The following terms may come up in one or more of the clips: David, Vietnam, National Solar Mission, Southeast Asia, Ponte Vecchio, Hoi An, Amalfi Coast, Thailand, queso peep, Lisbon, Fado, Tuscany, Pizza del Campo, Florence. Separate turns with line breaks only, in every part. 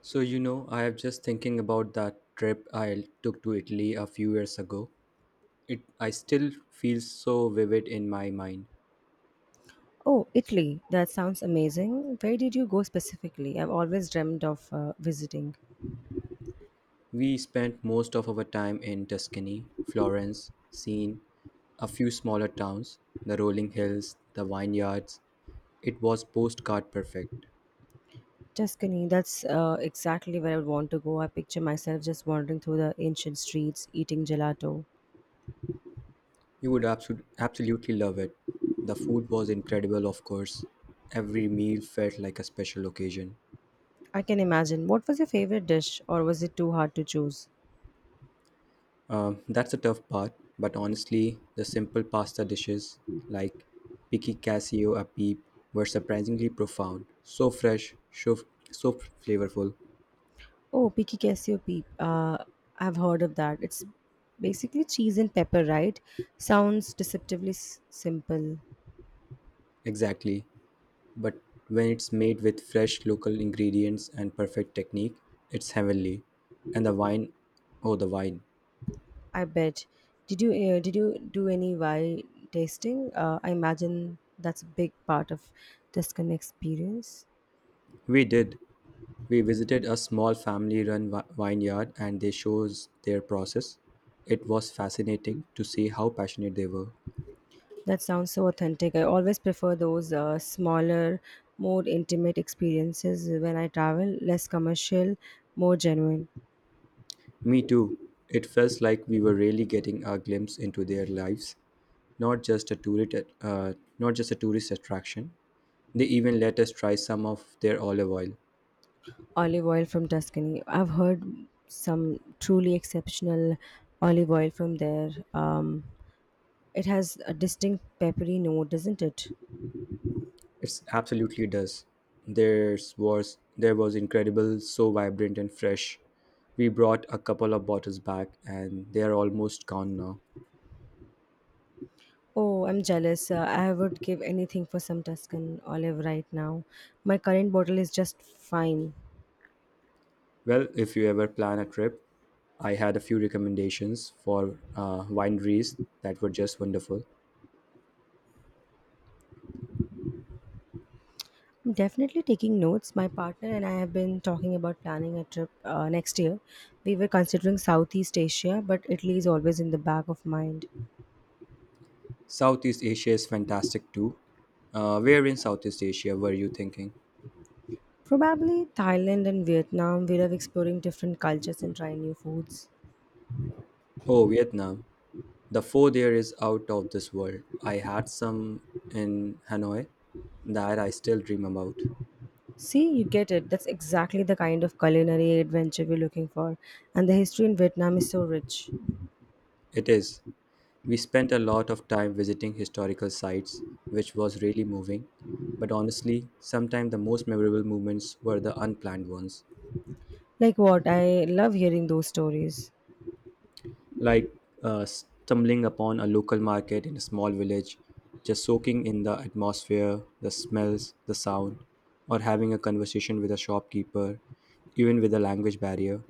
So, I have just thinking about that trip I took to Italy a few years ago. It I still feel so vivid in my mind.
Oh, Italy. That sounds amazing. Where did you go specifically? I've always dreamed of visiting.
We spent most of our time in Tuscany, Florence, Siena, a few smaller towns, the rolling hills, the vineyards. It was postcard perfect.
Tuscany. That's exactly where I would want to go. I picture myself just wandering through the ancient streets, eating gelato.
You would absolutely love it. The food was incredible, of course. Every meal felt like a special occasion.
I can imagine. What was your favorite dish, or was it too hard to choose?
That's the tough part, but honestly, the simple pasta dishes like picky casio a peep were surprisingly profound. So fresh, so flavorful.
Oh, picky queso peep. I've heard of that. It's basically cheese and pepper, right? Sounds deceptively simple.
Exactly. But when it's made with fresh local ingredients and perfect technique, it's heavenly. And the wine, oh, the wine.
I bet. Did you do any wine tasting? I imagine that's a big part of Tuscan experience.
We did. We visited a small family run vineyard and they shows their process. It was fascinating to see how passionate they were.
That sounds so authentic. I always prefer those smaller, more intimate experiences when I travel, less commercial, more genuine.
Me too. It felt like we were really getting a glimpse into their lives, not just a tourist, not just a tourist attraction. They even let us try some of their olive oil.
Olive oil from Tuscany. I've heard some truly exceptional olive oil from there. It has a distinct peppery note, doesn't it?
It's absolutely does. Theirs was there was incredible, so vibrant and fresh. We brought a couple of bottles back, and they are almost gone now.
Oh, I'm jealous. I would give anything for some Tuscan olive right now. My current bottle is just fine.
Well, if you ever plan a trip, I had a few recommendations for wineries that were just wonderful.
I'm definitely taking notes. My partner and I have been talking about planning a trip next year. We were considering Southeast Asia, but Italy is always in the back of mind.
Southeast Asia is fantastic too. Where in Southeast Asia were you thinking?
Probably Thailand and Vietnam. We love exploring different cultures and trying new foods.
Oh, Vietnam. The food there is out of this world. I had some in Hanoi that I still dream about.
See, you get it. That's exactly the kind of culinary adventure we're looking for. And the history in Vietnam is so rich.
It is. We spent a lot of time visiting historical sites, which was really moving. But honestly, sometimes the most memorable moments were the unplanned ones.
Like what? I love hearing those stories.
Like stumbling upon a local market in a small village, just soaking in the atmosphere, the smells, the sound, or having a conversation with a shopkeeper, even with a language barrier.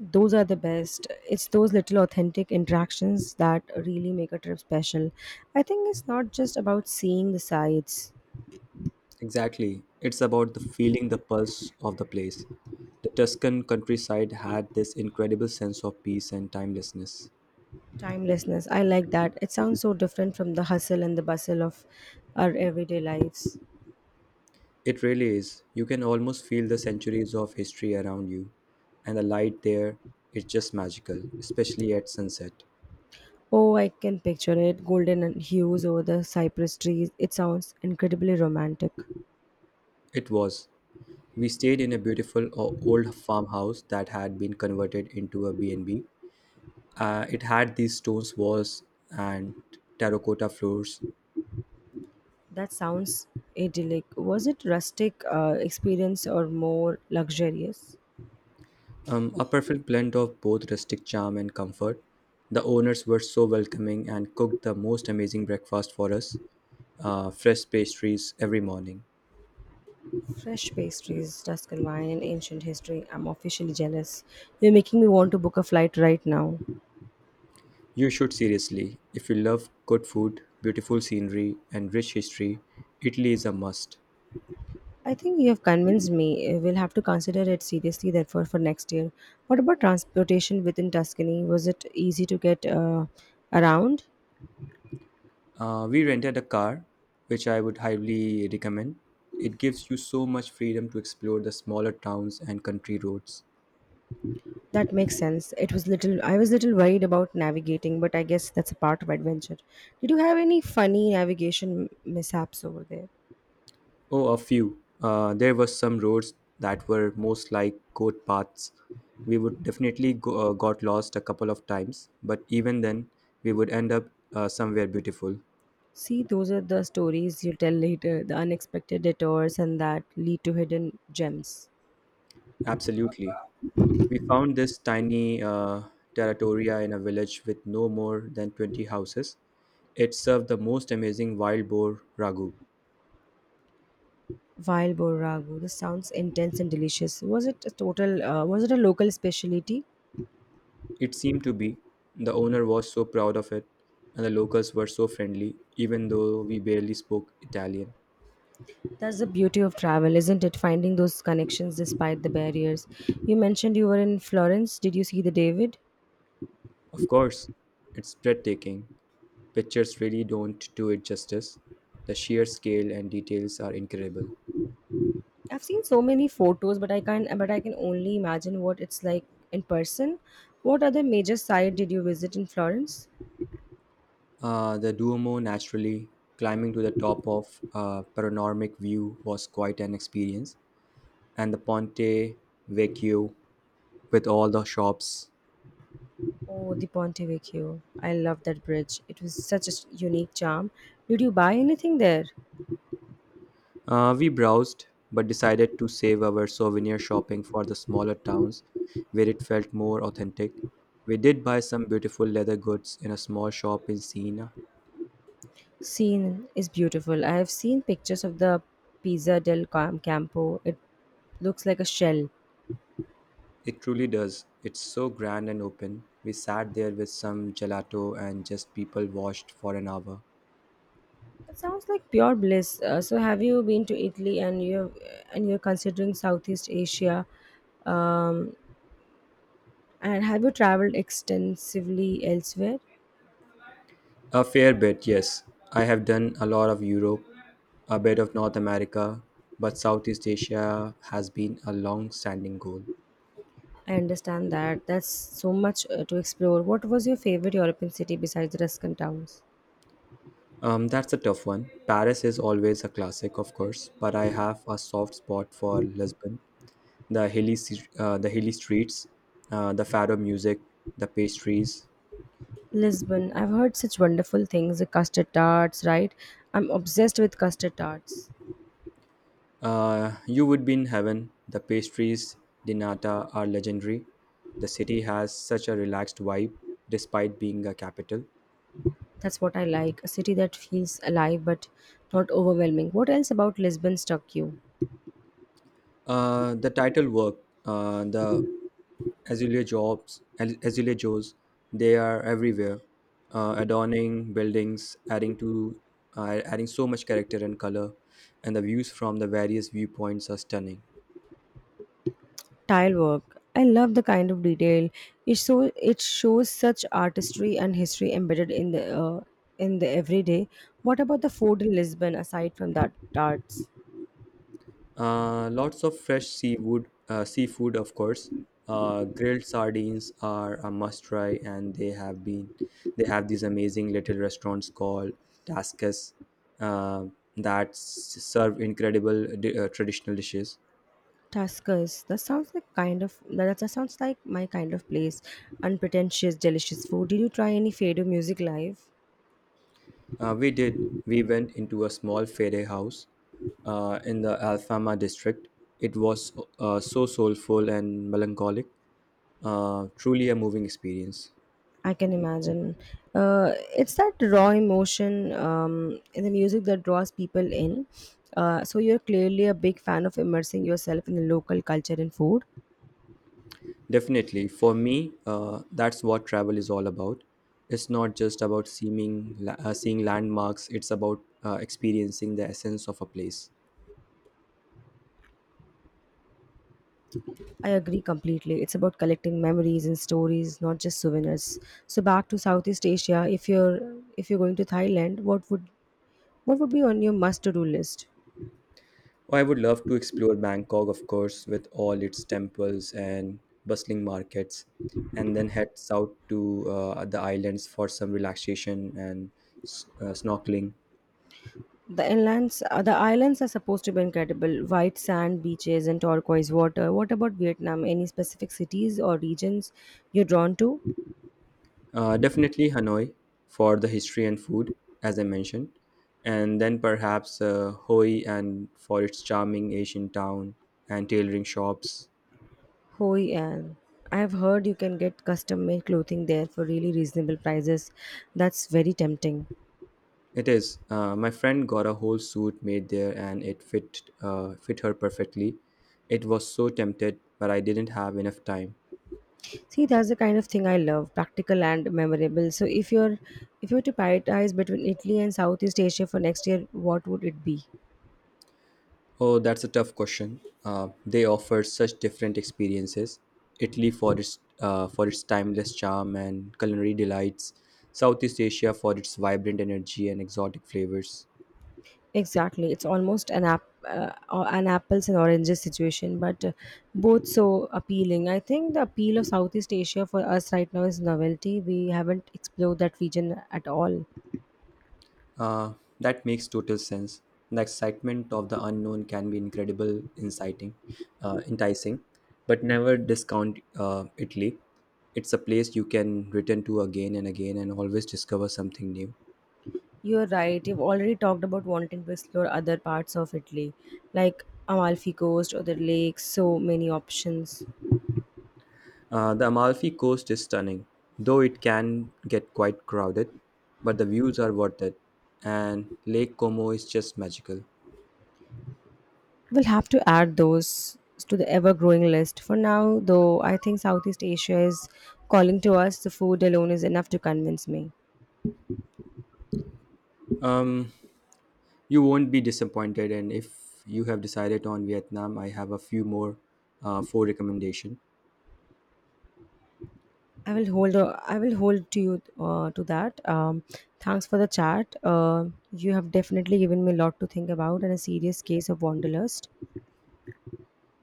Those are the best. It's those little authentic interactions that really make a trip special. I think it's not just about seeing the sights,
Exactly. It's about the feeling the pulse of the place. The Tuscan countryside had this incredible sense of peace and timelessness.
timelessness. I like that. It sounds so different from the hustle and the bustle of our everyday lives.
It really is. You can almost feel the centuries of history around you, and the light there is just magical, especially at sunset.
Oh, I can picture it. Golden and hues over the cypress trees. It sounds incredibly romantic.
It was. We stayed in a beautiful old farmhouse that had been converted into a B&B. It had these stone walls and terracotta floors,
That sounds idyllic. Was it rustic experience or more luxurious?
a perfect blend of both rustic charm and comfort. The owners were so welcoming and cooked the most amazing breakfast for us, fresh pastries every morning.
Fresh pastries, Tuscan wine, and ancient history. I'm officially jealous. You're making me want to book a flight right now.
You should seriously, if you love good food, beautiful scenery, and rich history, Italy is a must.
I think you have convinced me. We'll have to consider it seriously, therefore, for next year. What about transportation within Tuscany? Was it easy to get around?
We rented a car, which I would highly recommend. It gives you so much freedom to explore the smaller towns and country roads.
That makes sense. It was little. I was little worried about navigating, but I guess that's a part of adventure. Did you have any funny navigation mishaps over there?
Oh, a few. There were some roads that were most like goat paths. We would definitely got lost a couple of times, but even then, we would end up somewhere beautiful.
See, those are the stories you tell later, the unexpected detours and that lead to hidden gems.
Absolutely. We found this tiny territoria in a village with no more than 20 houses. It served the most amazing wild boar ragu.
Wild boar ragu. This sounds intense and delicious. Was it a total? Was it a local specialty?
It seemed to be. The owner was so proud of it, and the locals were so friendly, even though we barely spoke Italian.
That's the beauty of travel, isn't it? Finding those connections despite the barriers. You mentioned you were in Florence. Did you see the David?
Of course, it's breathtaking. Pictures really don't do it justice. The sheer scale and details are incredible.
I've seen so many photos, but I can't. But I can only imagine what it's like in person. What other major site did you visit in Florence?
The Duomo naturally climbing to the top of a panoramic view was quite an experience, and the Ponte Vecchio with all the shops.
Oh, the Ponte Vecchio. I love that bridge. It was such a unique charm. Did you buy anything there?
We browsed, but decided to save our souvenir shopping for the smaller towns where it felt more authentic. We did buy some beautiful leather goods in a small shop in Siena.
Scene is beautiful. I have seen pictures of the Campo. It looks like a shell.
It truly does. It's so grand and open. We sat there with some gelato and just people watched for an hour.
It sounds like pure bliss. So, have you been to Italy and you're considering Southeast Asia? Um, and have you traveled extensively elsewhere?
A fair bit, yes. I have done a lot of Europe, a bit of North America, but Southeast Asia has been a long standing goal.
I understand that. That's so much to explore. What was your favorite European city besides the Tuscan towns?
That's a tough one. Paris is always a classic, of course, but I have a soft spot for Lisbon. The hilly streets, the fado music, the pastries.
Lisbon. I've heard such wonderful things, the custard tarts, right? I'm obsessed with custard tarts.
You would be in heaven. The pastries di nata are legendary. The city has such a relaxed vibe, despite being a capital.
That's what I like. A city that feels alive but not overwhelming. What else about Lisbon struck you?
The title work, the Azalea jobs, azalea joes, they are everywhere, adorning buildings, adding so much character and color, and the views from the various viewpoints are stunning.
Tile work. I love the kind of detail. It so it shows such artistry and history embedded in the everyday. What about the food in Lisbon aside from that tarts?
Lots of fresh seafood of course. Grilled sardines are a must try, and they have these amazing little restaurants called Tascas uh, that serve incredible traditional dishes.
Tuskers. That sounds like kind of that, sounds like my kind of place. Unpretentious, delicious food. Did you try any Fado music live?
We did. We went into a small fairy house in the Alfama district. It was so soulful and melancholic, truly a moving experience.
I can imagine. It's that raw emotion in the music that draws people in. So you're clearly a big fan of immersing yourself in the local culture and food.
Definitely, for me, that's what travel is all about. It's not just about seeing landmarks, it's about experiencing the essence of a place.
I agree completely. It's about collecting memories and stories, not just souvenirs. So back to Southeast Asia. If you're going to Thailand, what would be on your must to do list?
Oh, I would love to explore Bangkok, of course, with all its temples and bustling markets, and then head south to the islands for some relaxation and snorkeling.
The islands are supposed to be incredible. White sand beaches and turquoise water. What about Vietnam? Any specific cities or regions you're drawn to?
Definitely Hanoi for the history and food, as I mentioned, and then perhaps Hoi and for its charming Asian town and tailoring shops.
Hoi An. I've heard you can get custom-made clothing there for really reasonable prices. That's very tempting.
It is. My friend got a whole suit made there, and it fit her perfectly. It was so tempted, but I didn't have enough time.
See, that's the kind of thing I love, practical and memorable. So if you were to prioritize between Italy and Southeast Asia for next year, what would it be?
Oh, that's a tough question. They offer such different experiences. Italy for its timeless charm and culinary delights. Southeast Asia for its vibrant energy and exotic flavors.
Exactly. It's almost an app, or an apples and oranges situation, but both so appealing. I think the appeal of Southeast Asia for us right now is novelty. We haven't explored that region at all.
Uh, that makes total sense. The excitement of the unknown can be incredible, inciting, enticing, but never discount Italy. It's a place you can return to again and again and always discover something new.
You're right. You've already talked about wanting to explore other parts of Italy, like Amalfi Coast, or the lakes, so many options.
The Amalfi Coast is stunning, though it can get quite crowded, but the views are worth it, and Lake Como is just magical.
We'll have to add those to the ever growing list. For now, though, I think Southeast Asia is calling to us. The food alone is enough to convince me.
Um, you won't be disappointed, and if you have decided on Vietnam, I have a few more for recommendation.
I will hold. I will hold to you to that. Thanks for the chat. You have definitely given me a lot to think about and a serious case of wanderlust.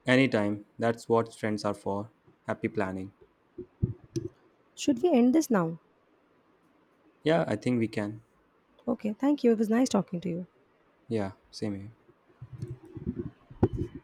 Anytime. That's what friends are for. Happy planning.
Should we end this now?
Yeah, I think we can.
Okay. Thank you. It was nice talking to you.
Yeah, same here.